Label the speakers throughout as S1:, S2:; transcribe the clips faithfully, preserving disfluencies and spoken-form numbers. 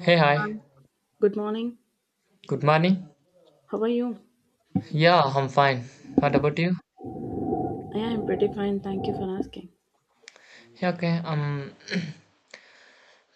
S1: Hey, hi.
S2: Good morning.
S1: Good morning.
S2: How are you?
S1: Yeah, I'm fine. What about you?
S2: I am pretty fine. Thank you for asking.
S1: Yeah, okay. Um,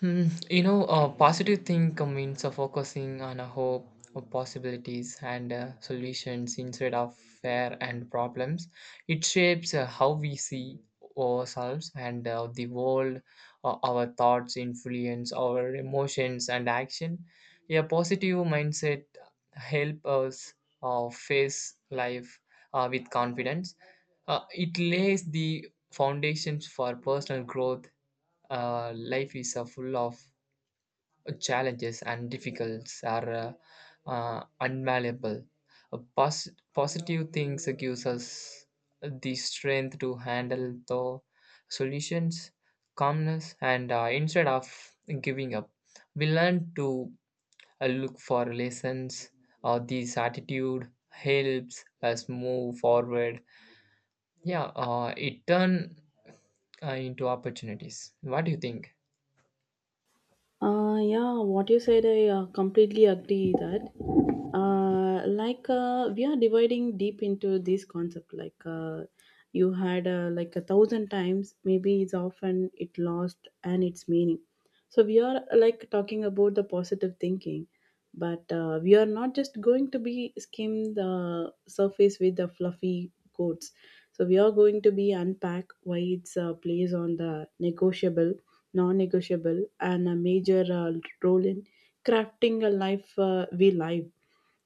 S1: Hmm, you know, a positive thing means of focusing on a hope, of possibilities, and uh, solutions instead of fear and problems. It shapes uh, how we see ourselves and uh, the world. Uh, our thoughts influence our emotions and action. A positive mindset help us uh, face life uh, with confidence. Uh, it lays the foundations for personal growth, uh, life is uh, full of challenges and difficulties are uh, uh, unmalleable. Uh, pos- positive things gives us the strength to handle the solutions, calmness, and uh, instead of giving up, we learn to uh, look for lessons. Uh, this attitude helps us move forward. Yeah, uh, it turn uh, into opportunities. What do you think?
S2: Uh, yeah, what you said, I uh, completely agree that. Uh, like uh, we are dividing deep into this concept. Like uh, you had uh, like a thousand times, maybe it's often it lost and its meaning. So we are uh, like talking about the positive thinking, but uh, we are not just going to be skim the surface with the fluffy quotes. So we are going to be unpack why it's uh, plays on the negotiable non-negotiable and a major uh, role in crafting a life uh, we live,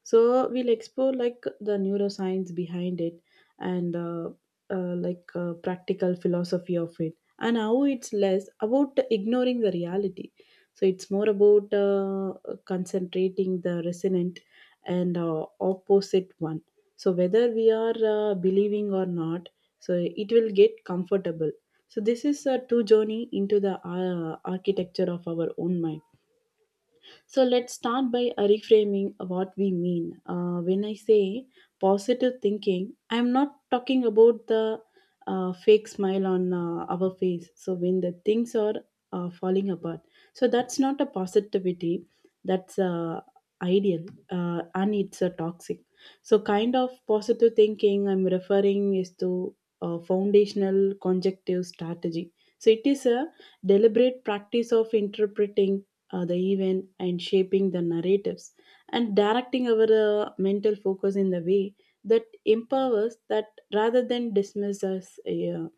S2: so we'll explore like the neuroscience behind it and uh, uh, like uh, practical philosophy of it, and how it's less about ignoring the reality, so it's more about uh, concentrating the resonant and uh, opposite one, so whether we are uh, believing or not, so it will get comfortable. So this is a true journey into the uh, architecture of our own mind. So let's start by reframing what we mean. Uh, when I say positive thinking, I'm not talking about the uh, fake smile on uh, our face. So when the things are uh, falling apart, so that's not a positivity. That's uh, ideal, uh, and it's a toxic. So kind of positive thinking I'm referring is to a foundational conjunctive strategy. So it is a deliberate practice of interpreting uh, the event and shaping the narratives and directing our uh, mental focus in the way that empowers that rather than dismiss us uh,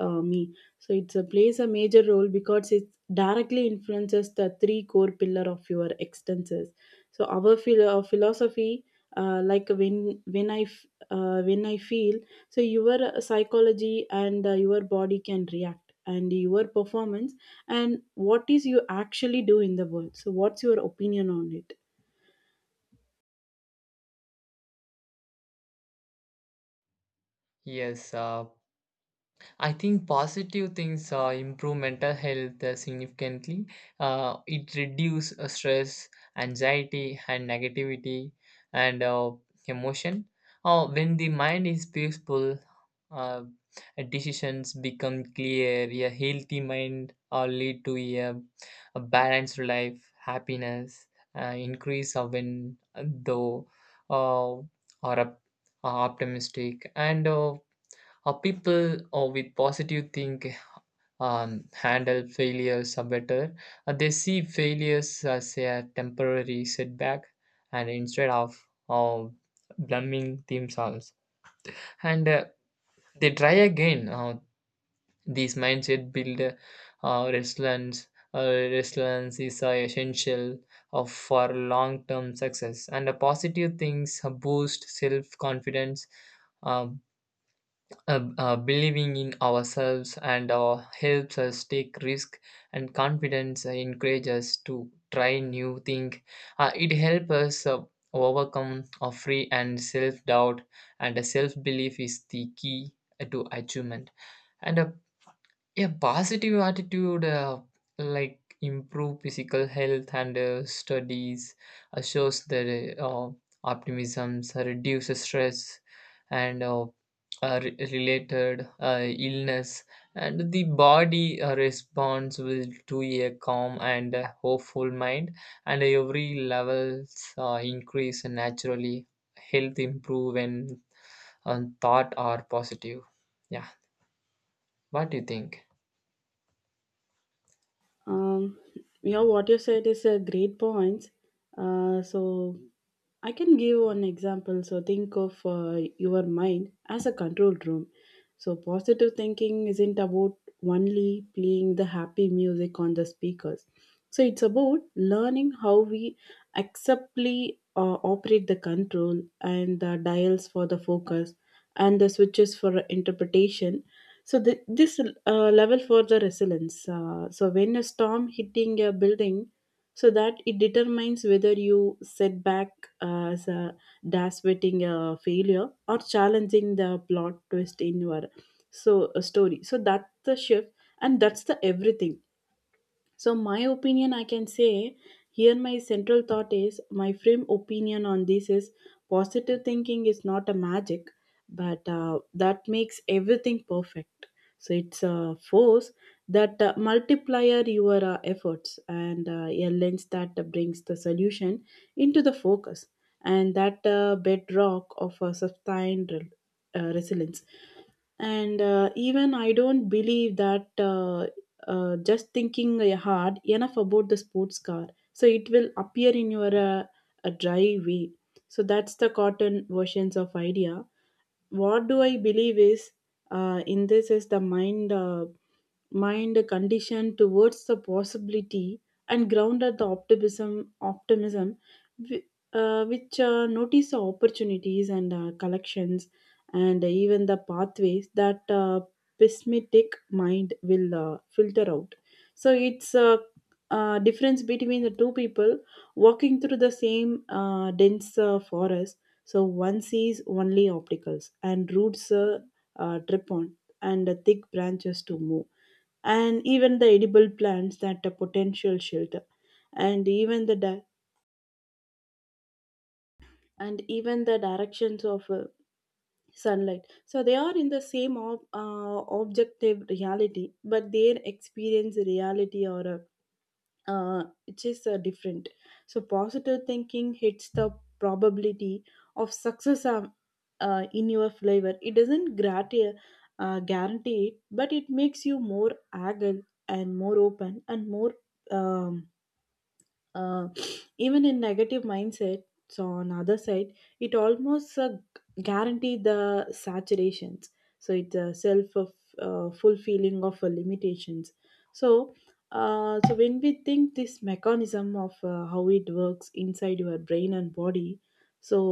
S2: uh, me. So it plays a major role because it directly influences the three core pillar of your extenses. So our philo- philosophy uh, like when when i f- uh, when I feel, so your uh, psychology and uh, your body can react, and your performance and what is you actually do in the world. So what's your opinion on it?
S1: Yes, uh, I think positive things uh, improve mental health uh, significantly. Uh, it reduces uh, stress, anxiety, and negativity and uh, emotion. Uh, when the mind is peaceful, uh, decisions become clear. A healthy mind uh, lead to a, a balanced life, happiness, uh, increase of in though, uh, or op- optimistic and. Uh, uh, people uh, with positive think um, handle failures are better. Uh, they see failures as a temporary setback, and instead of uh, blaming themselves, and uh, they try again. Uh, this mindset build uh, resilience. Uh, resilience is uh, essential uh, for long-term success, and uh, positive things uh, boost self-confidence, uh, uh, uh, believing in ourselves and uh, helps us take risk, and confidence uh, encourages us to try new things. Uh, it helps us uh, overcome our free and self-doubt, and self-belief is the key uh, to achievement. And uh, a positive attitude, uh, like improve physical health, and uh, studies uh, shows that uh, optimism uh, reduces stress and uh, uh, re- related uh, illness, and the body uh, responds will to a calm and uh, hopeful mind, and every levels uh, increase naturally. Health improve when um, thought are positive. Yeah, what do you think?
S2: Um, yeah, what you said is a great point. Uh, so I can give one example. So think of uh, your mind as a control room. So positive thinking isn't about only playing the happy music on the speakers. So it's about learning how we acceptably uh, operate the control and the dials for the focus and the switches for interpretation, so the, this uh, level for the resilience. Uh, so when a storm hitting a building, so that it determines whether you set back uh, as a dash waiting a failure or challenging the plot twist in your so a story. So that's the shift, and that's the everything. So, my opinion, I can say here, my central thought is my frame opinion on this is positive thinking is not a magic, but uh, that makes everything perfect. So, it's a force that uh, multiplier your uh, efforts and uh, a lens that brings the solution into the focus and that uh, bedrock of a sustained uh, resilience, and uh, even I don't believe that uh, uh, just thinking uh, hard enough about the sports car, so it will appear in your uh, a dry way. So that's the cotton versions of idea. What do I believe is uh, in this is the mind uh, mind conditioned towards the possibility and grounded the optimism optimism whi- uh, which uh, notice the opportunities and uh, collections and even the pathways that uh, pessimistic mind will uh, filter out. So it's a, uh difference between the two people walking through the same uh, dense uh, forest. So one sees only opticals and roots uh, uh, drip on and the thick branches to move and even the edible plants that a potential shelter and even the di- and even the directions of uh, sunlight. So they are in the same ob- uh, objective reality, but their experience reality or uh, uh, it is uh, different. So positive thinking hits the probability of success um, uh, in your flavor. It doesn't grati- uh, guarantee it, but it makes you more agile and more open and more um, uh, even in negative mindset. So on other side it almost uh, guarantee the saturations. So it's a self of uh, fulfilling of uh, limitations. So uh, so when we think this mechanism of uh, how it works inside your brain and body. So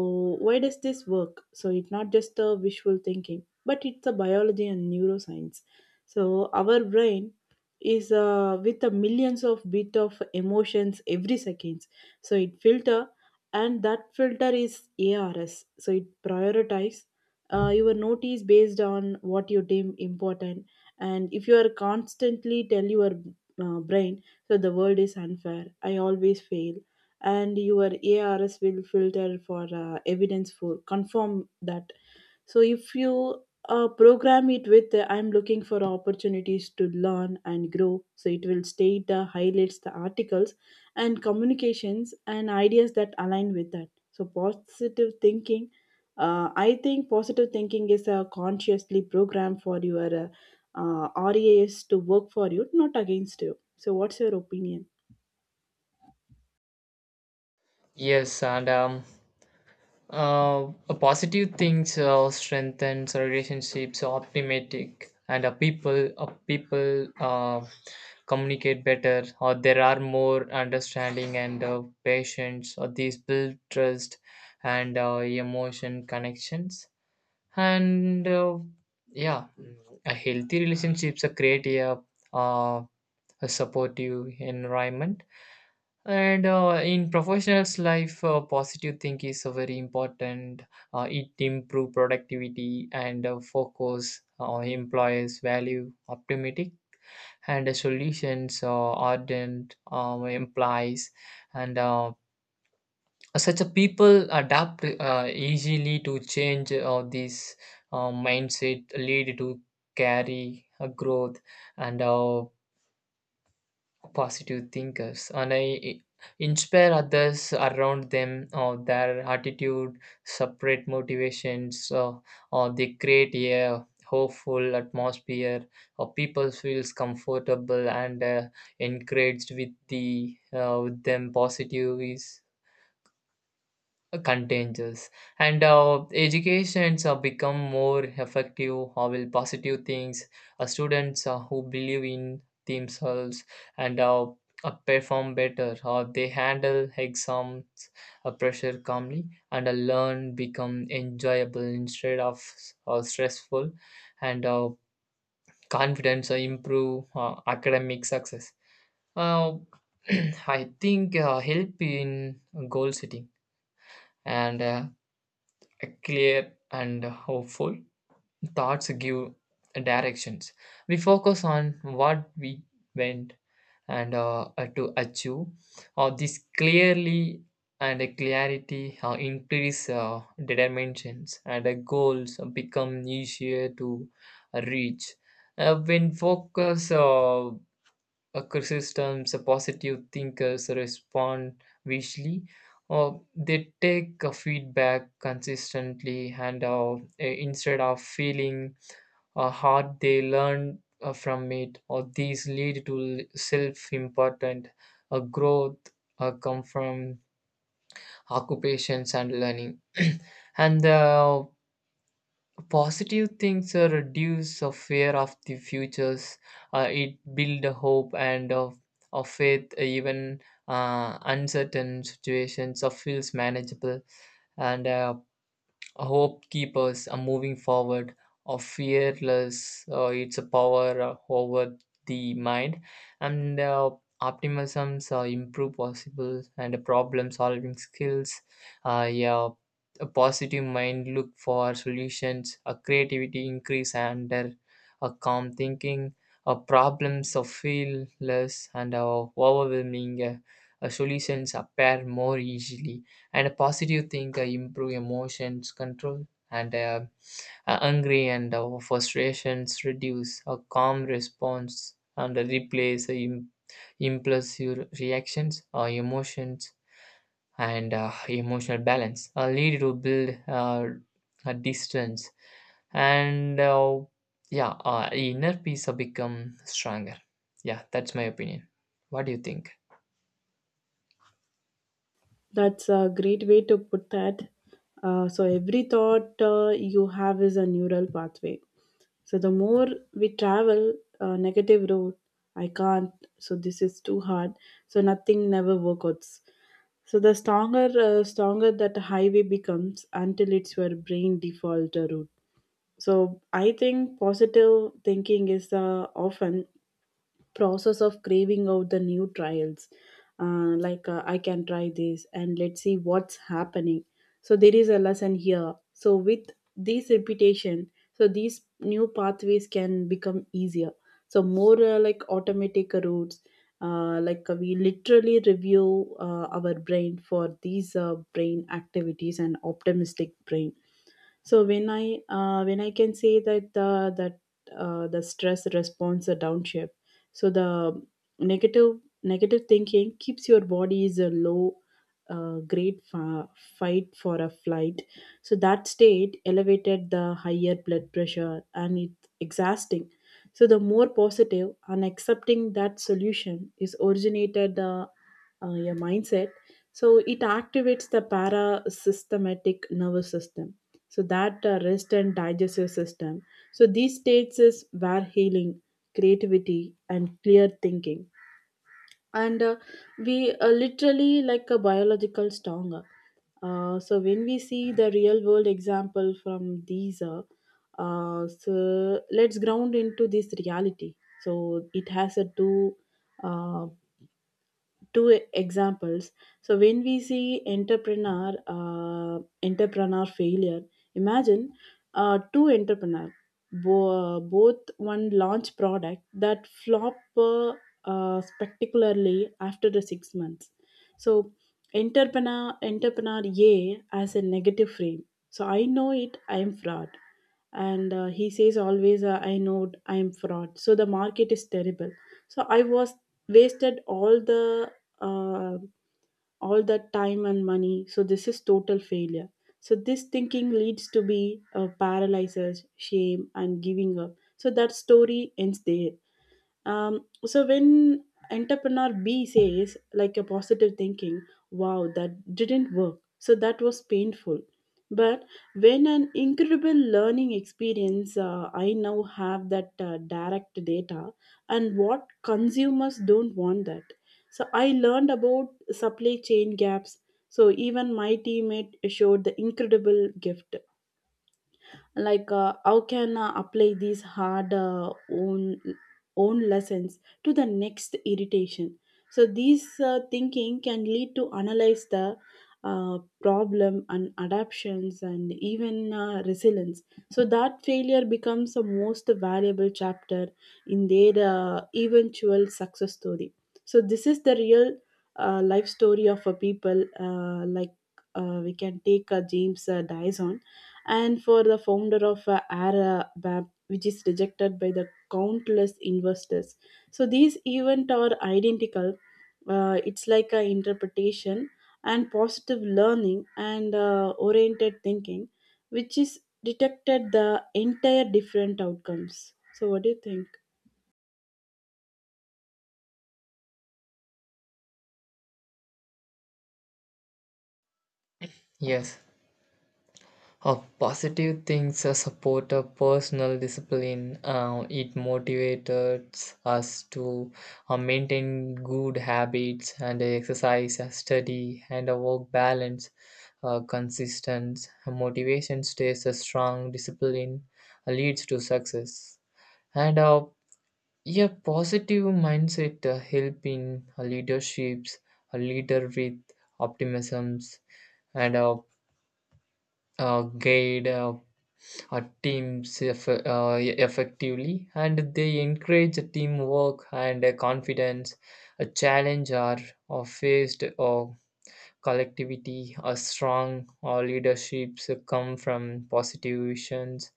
S2: why does this work? So it's not just a visual thinking, but it's a biology and neuroscience. So our brain is uh, with the millions of bit of emotions every seconds. So it filter, and that filter is ars, so it prioritize uh, your notice based on what you deem important. And if you are constantly tell your uh, brain, so the world is unfair, I always fail, and your ars will filter for uh, evidence for confirm that. So if you uh, program it with the, I'm looking for opportunities to learn and grow, so it will state the highlights, the articles, and communications and ideas that align with that. So positive thinking, uh, I think positive thinking is a consciously program for your uh, uh, R A S to work for you, not against you. So what's your opinion?
S1: Yes, and um, uh, positive things uh, strengthens relationships, optimistic, and uh, people uh, people uh, communicate better, or there are more understanding and uh, patience, or these build trust and uh, emotion connections, and uh, yeah, a healthy relationships uh, create a, uh, a supportive environment. And uh, in professionals' life, uh, positive thinking is uh, very important. Uh, it improve productivity and uh, focus. Uh, employees value optimistic and uh, solutions uh, ardent uh, implies, and uh, such a people adapt uh, easily to change. Uh, this uh, mindset lead to carry a growth, and uh, positive thinkers and I inspire others around them, or their attitude separate motivations, or, or they create a hopeful atmosphere, or people feels comfortable and uh, encouraged with the uh, with them. Positive is contagious, and uh, educations uh, become more effective. How will positive things uh, students uh, who believe in themselves and uh, uh, perform better, or they handle exams uh, pressure calmly, and uh, learn become enjoyable instead of uh, stressful. And uh, confidence uh, improve uh, academic success. uh, I think uh, help in goal setting, and uh, clear and hopeful thoughts give directions. We focus on what we went and uh, uh, to achieve, or this clearly, and a clarity uh, increase uh, determinations, and the goals become easier to reach. Uh, when focus uh, a criticisms, a positive thinkers respond visually, or they take a feedback consistently, and uh, instead of feeling uh, hard, they learn uh, from it, or these lead to self-important uh, growth uh, come from occupations and learning. and the Positive things uh, reduce a fear of the futures. Uh, it build a hope and of of faith. Even uh, uncertain situations uh, feels manageable, and uh, hope keepers are moving forward, or fearless. Uh, it's a power uh, over the mind, and uh, optimisms uh, improve possible and problem solving skills. Uh, yeah, a positive mind look for solutions. A creativity increase under a calm thinking. A problems are feel less and uh, overwhelming. Uh, uh, solutions appear more easily, and a positive thinker improve emotions control, and uh, uh, angry and uh, frustrations reduce a calm response and replace uh, im- impulsive reactions or emotions. And uh, emotional balance uh, lead to build uh, a distance, and uh, yeah, uh, inner peace uh, become stronger. Yeah, that's my opinion. What do you think?
S2: That's a great way to put that. Uh, so every thought uh, you have is a neural pathway. So the more we travel uh, negative road, I can't. So this is too hard. So nothing never works. So the stronger, uh, stronger that highway becomes until it's your brain default uh, route. So I think positive thinking is uh, often process of craving out the new trials uh, like uh, I can try this and let's see what's happening. So there is a lesson here, so with this repetition, so these new pathways can become easier, so more uh, like automatic routes uh, like uh, we literally review uh, our brain for these uh, brain activities and optimistic brain. So when I uh, when I can say that uh, that uh, the stress response a downshift. So the negative negative thinking keeps your body is a low uh, grade fa- fight for a flight. So that state elevated the higher blood pressure, and it's exhausting. So the more positive and accepting that solution is originated uh, uh, your mindset. So it activates the parasystematic nervous system, so that uh, rest and digestive system. So these states is where healing, creativity, and clear thinking, and uh, we are literally like a biological stronger. Uh, so when we see the real world example from these uh, uh, so let's ground into this reality. So it has a two uh, two e- examples. So when we see entrepreneur uh, entrepreneur failure, imagine uh, two entrepreneur, bo- uh, both one launch product that flop uh, uh, spectacularly after the six months. So entrepreneur entrepreneur A, as a negative frame, so I know it, I am fraud, and uh, he says always uh, I know I am fraud, so the market is terrible, so I was wasted all the uh, all that time and money, so this is total failure. So this thinking leads to be uh, paralyzes shame and giving up, so that story ends there. Um, so when entrepreneur B says like a positive thinking, wow, that didn't work. So that was painful. But when an incredible learning experience, uh, I now have that uh, direct data and what consumers don't want that. So I learned about supply chain gaps. So even my teammate showed the incredible gift like uh, how can uh, apply these hard uh, own own lessons to the next irritation. So these uh, thinking can lead to analyze the uh, problem and adaptations and even uh, resilience. So that failure becomes a most valuable chapter in their uh, eventual success story. So this is the real uh, life story of a people uh, like uh, we can take uh, James uh, Dyson and for the founder of uh, Arabab, which is rejected by the countless investors. So these events are identical. Uh, it's like a interpretation and positive learning and uh, oriented thinking, which is detected the entire different outcomes. So what do you think?
S1: Yes. A positive things uh, support a personal discipline. Uh, it motivates us to uh, maintain good habits and exercise, uh, study, and a work balance. Uh, consistent motivation stays a strong. Discipline uh, leads to success. And uh, a positive mindset uh, help in uh, leaderships, a leader with optimisms, and a, a guide uh, uh, teams eff- uh, e-, effectively, and they encourage teamwork and uh, confidence. A challenge are or faced or collectivity a strong, or leaderships come from positive visions,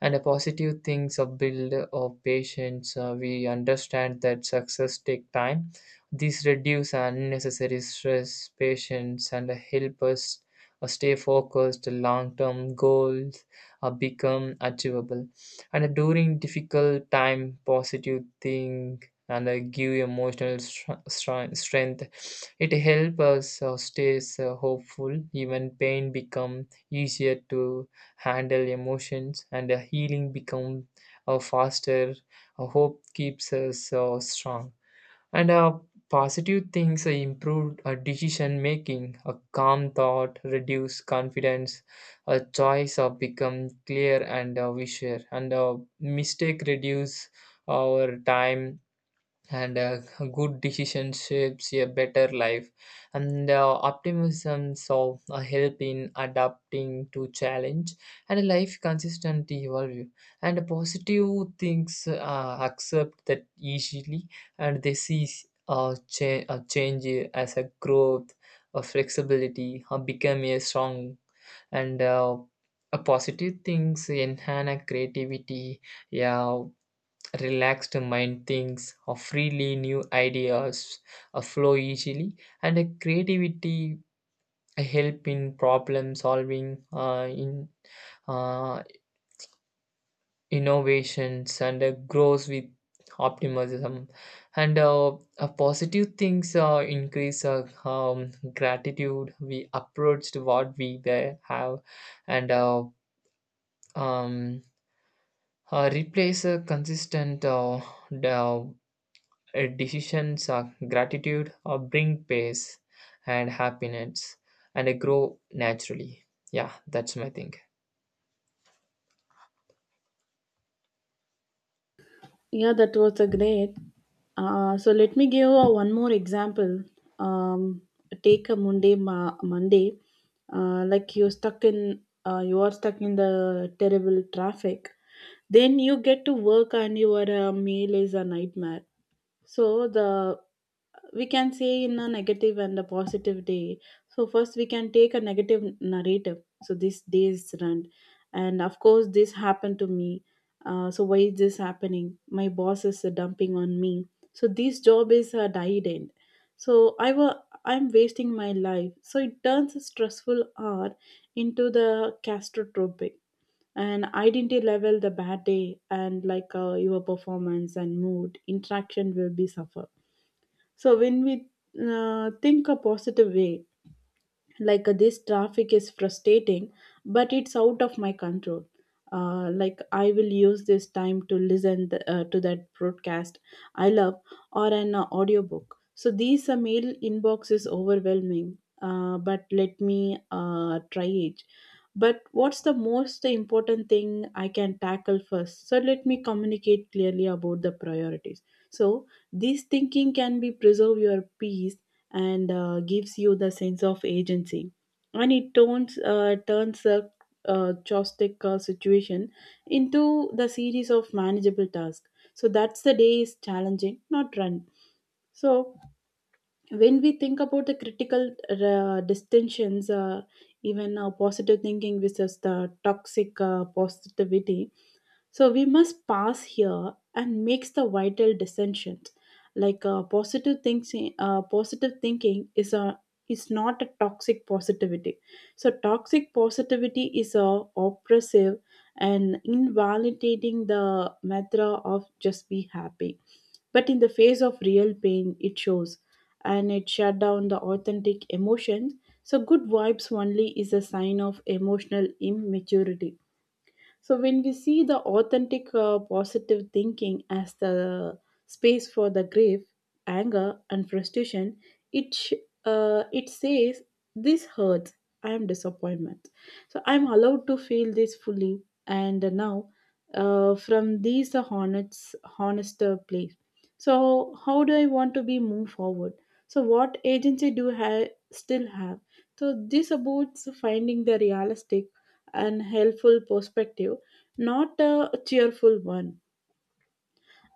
S1: and a positive things of build of patience. Uh, we understand that success take time. These reduce unnecessary stress patience and help us uh, stay focused long term goals uh, become achievable, and during difficult time positive thing, and uh, give emotional str- str- strength. It helps us uh, stay uh, hopeful even pain become easier to handle emotions, and uh, healing become uh, faster. A hope keeps us uh, strong. And uh, positive things uh, improve uh, decision making, a calm thought, reduce confidence, a choice uh, become clear and uh, visual, and uh, mistake reduce our time, and uh, good decision shapes a better life, and uh, optimism so uh, help in adapting to challenge, and life consistently evolve, and positive things uh, accept that easily, and they see uh, cha- uh, change as a growth, a flexibility or become a strong, and uh, a positive things enhance a creativity. Yeah, relaxed mind thinks of freely new ideas uh, flow easily, and uh, creativity help in problem solving uh, in uh, innovations, and uh, grows with optimism, and uh, uh, positive things uh, increase uh, um, gratitude. We approached what we there have, and uh, um, uh, replace a consistent uh, the uh, decisions of gratitude or bring peace and happiness, and uh, grow naturally. Yeah, that's my thing.
S2: Yeah, that was a great. Uh, so let me give uh, one more example. Um, Take a Monday, ma- Monday, uh, like you're stuck in, uh, you are stuck in the terrible traffic. Then you get to work and your uh, meal is a nightmare. So the we can say in a negative and a positive day. So first we can take a negative narrative, so this day is run, and of course this happened to me. Uh, so why is this happening? My boss is uh, dumping on me. So this job is a died end. so i wa I'm wasting my life, so it turns a stressful hour into the catastrophic and identity level, the bad day. And like, uh, your performance and mood interaction will be suffer. So when we uh, think a positive way, like, uh, this traffic is frustrating, but it's out of my control. Uh, like, I will use this time to listen th- uh, to that broadcast I love, or an uh, audiobook. So these uh, mail inbox is overwhelming, uh, but let me uh, try it. But what's the most important thing I can tackle first? So let me communicate clearly about the priorities. So this thinking can be preserve your peace and uh, gives you the sense of agency, and it turns uh, turns a uh, chaotic uh, situation into the series of manageable tasks. So that's the day is challenging, not run. So when we think about the critical uh, distinctions, uh, even uh, positive thinking versus the toxic uh, positivity. So we must pass here and makes the vital distinction. Like, uh, positive thinking uh, positive thinking is a is not a toxic positivity. So toxic positivity is a oppressive and invalidating the mantra of just be happy, but in the face of real pain, it shows, and it shut down the authentic emotions. So, good vibes only is a sign of emotional immaturity. So when we see the authentic uh, positive thinking as the space for the grief, anger, and frustration, it sh- uh, it says this hurts. I am disappointment. So I am allowed to feel this fully, and now uh, from these the honest honest uh, place. So how do I want to be move forward? So what agency do I still have? So this about finding the realistic and helpful perspective, not a cheerful one.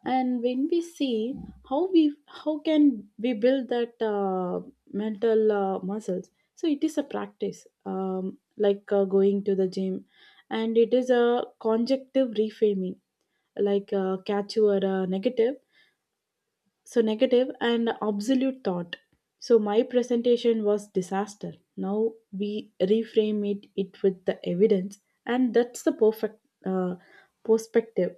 S2: And when we see how we how can we build that uh, mental uh, muscles, so it is a practice, um, like uh, going to the gym, and it is a conjunctive reframing, like, uh, catch your uh, negative, so negative and absolute thought. So my presentation was disaster, now we reframe it it with the evidence, and that's the perfect uh, perspective.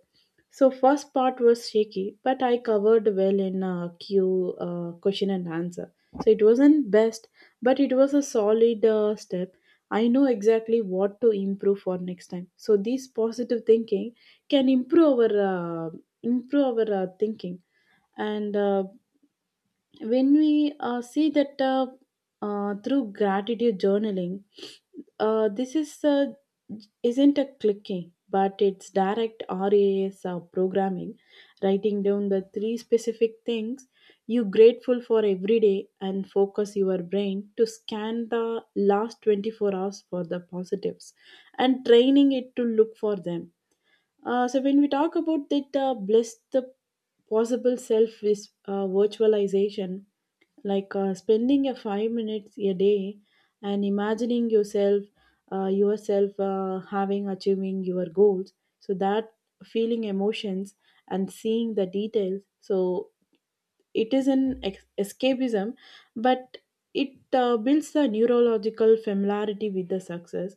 S2: So first part was shaky, but I covered well in uh, q uh, question and answer. So it wasn't best, but it was a solid uh, step. I know exactly what to improve for next time. So this positive thinking can improve our uh, improve our uh, thinking. And uh, When we uh, see that, uh, uh, through gratitude journaling, uh, this is uh, isn't a clicking, but it's direct ras uh, programming. Writing down the three specific things you grateful for every day, and focus your brain to scan the last twenty-four hours for the positives and training it to look for them. Uh, so when we talk about that uh, bliss, the possible self is uh, virtualization, like uh, spending a five minutes a day and imagining yourself, uh, yourself uh, having achieving your goals. So that feeling emotions and seeing the details. So it is an ex- escapism, but it uh, builds the neurological familiarity with the success,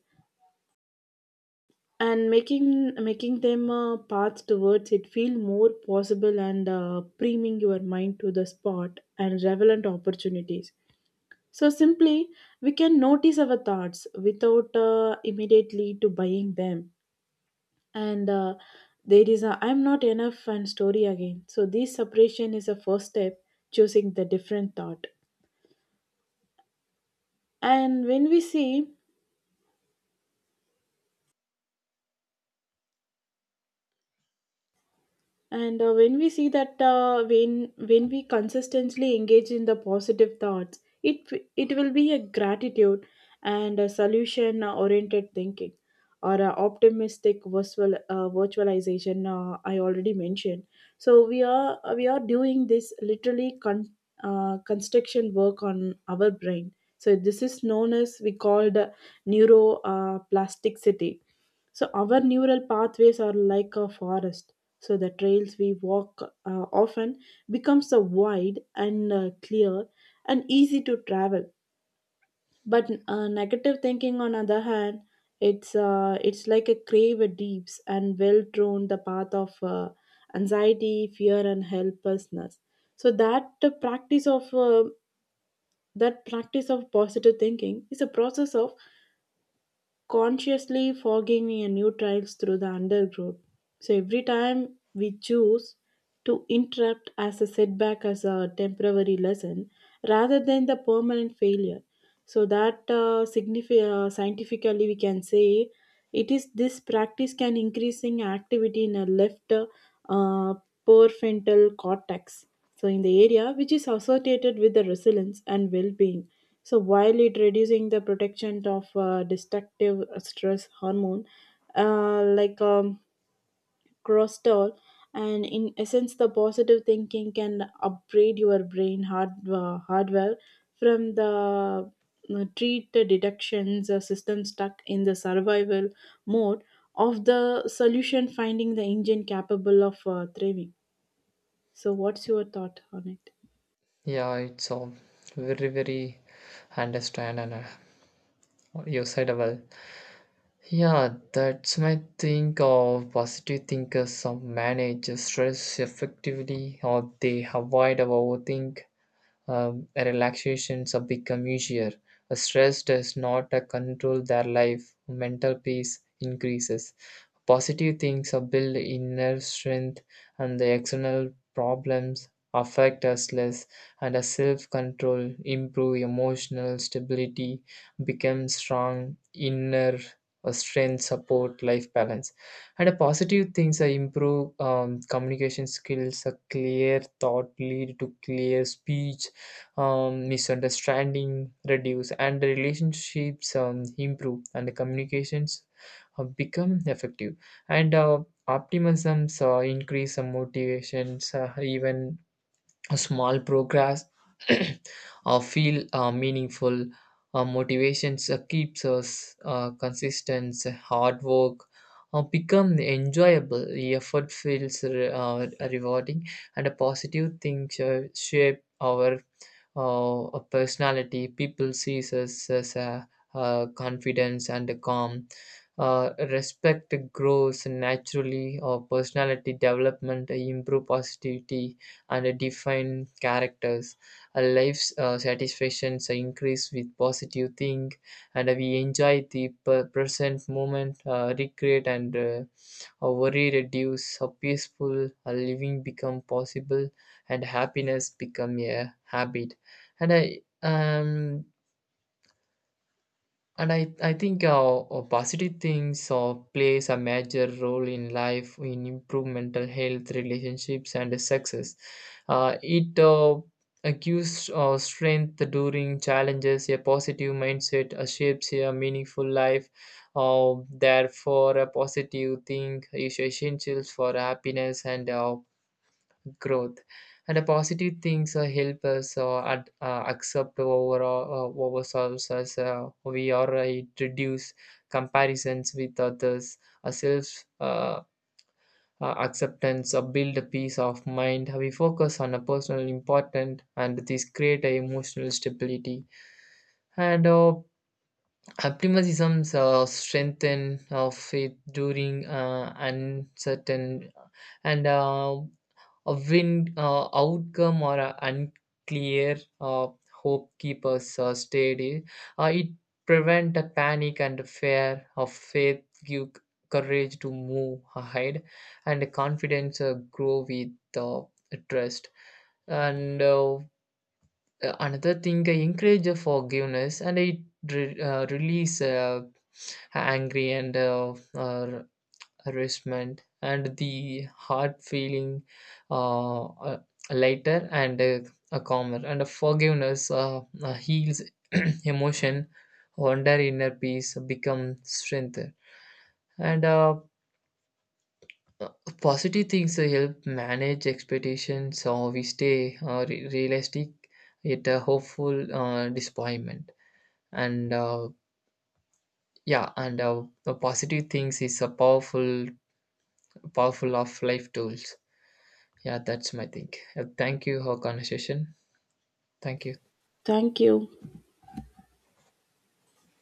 S2: and making making them a path towards it feel more possible, and uh, priming your mind to the spot and relevant opportunities. So simply, we can notice our thoughts without uh, immediately to buying them. And uh, There is a I'm not enough and story again. So this separation is a first step, choosing the different thought. And when we see and uh, When we see that, uh, when when we consistently engage in the positive thoughts, it it will be a gratitude and a solution oriented thinking, or a optimistic virtual uh, virtualization uh, I already mentioned. So we are we are doing this literally con- uh, construction work on our brain. So this is known as we called, uh, neuroplasticity. So our neural pathways are like a forest. So the trails we walk uh, often becomes a wide and uh, clear and easy to travel. But uh, negative thinking on other hand, it's uh, it's like a grave deeps and well drawn the path of uh, anxiety, fear, and helplessness. So that uh, practice of uh, that practice of positive thinking is a process of consciously forging a new trails through the undergrowth. So every time we choose to interrupt as a setback as a temporary lesson rather than the permanent failure. So that uh, signifi- uh, scientifically we can say it is this practice can increasing activity in a left uh, prefrontal cortex. So in the area which is associated with the resilience and well-being, so while it reducing the protection of uh, destructive stress hormone, uh, like um, cortisol. And in essence, the positive thinking can upgrade your brain hard, uh, hardware from the uh, treat the deductions uh, system stuck in the survival mode of the solution finding the engine capable of uh, thriving. So, what's your thought on it?
S1: Yeah, it's all very very understand and uh, usable. Yeah, that's my think of positive thinkers. Some manage stress effectively, or they avoid overthinking. Um, relaxations have become easier. A stress does not uh, control their life. Mental peace increases. Positive things are build inner strength, and the external problems affect us less. And a self control improve emotional stability, become strong inner uh, strength, support life balance. And a positive things are improve um, communication skills. A clear thought lead to clear speech. Um, misunderstanding reduce and the relationships um, improve, and the communications uh, become effective. And uh, optimisms uh, increase some motivations. Uh, even a small progress or feel uh, meaningful. Uh, motivations uh, keeps us uh, consistent. Hard work uh, become enjoyable, the effort feels re- uh, rewarding, and a positive thing sh- shape our uh, personality. People sees us as a uh, confidence and calm. Uh, respect grows naturally or personality development improve positivity and define characters. Our life's uh, satisfactions increase with positive think, and we enjoy the per- present moment, uh, recreate, and uh, our worry reduce, a peaceful uh, living become possible, and happiness become a habit. And I um and I, I think our our positive things or plays a major role in life in improve mental health, relationships, and success. Uh, it uh, uh, gives uh, strength during challenges, a positive mindset uh, shapes a meaningful life. Uh, therefore, a positive thing is essential for happiness and uh, growth, and a positive things uh, help us uh, ad, uh, accept overall uh, uh, ourselves as uh, we are. Uh, it reduce comparisons with others. A self uh, uh, acceptance uh, build a peace of mind. We focus on a personal important, and this create a emotional stability, and uh, optimisms uh, strengthen of faith during uh, uncertain, and uh, a wind uh, outcome or a unclear, uh, hope keepers uh, steady. Uh, it prevent a panic, and a fear of faith give courage to move ahead, and confidence uh, grow with uh, trust. And uh, another thing uh, encourage a forgiveness, and it re- uh, release uh, angry and uh, uh, harassment, and the heart feeling uh, uh, lighter and uh, uh, calmer, and forgiveness uh, uh, heals emotion. Wonder inner peace become strength, and uh, uh, positive things uh, help manage expectations so we stay uh, re- realistic yet uh, hopeful uh, disappointment, and uh, yeah, and uh, the positive things is a powerful powerful of life tools. Yeah, that's my thing. Uh, Thank you for conversation. Thank you.
S2: Thank you.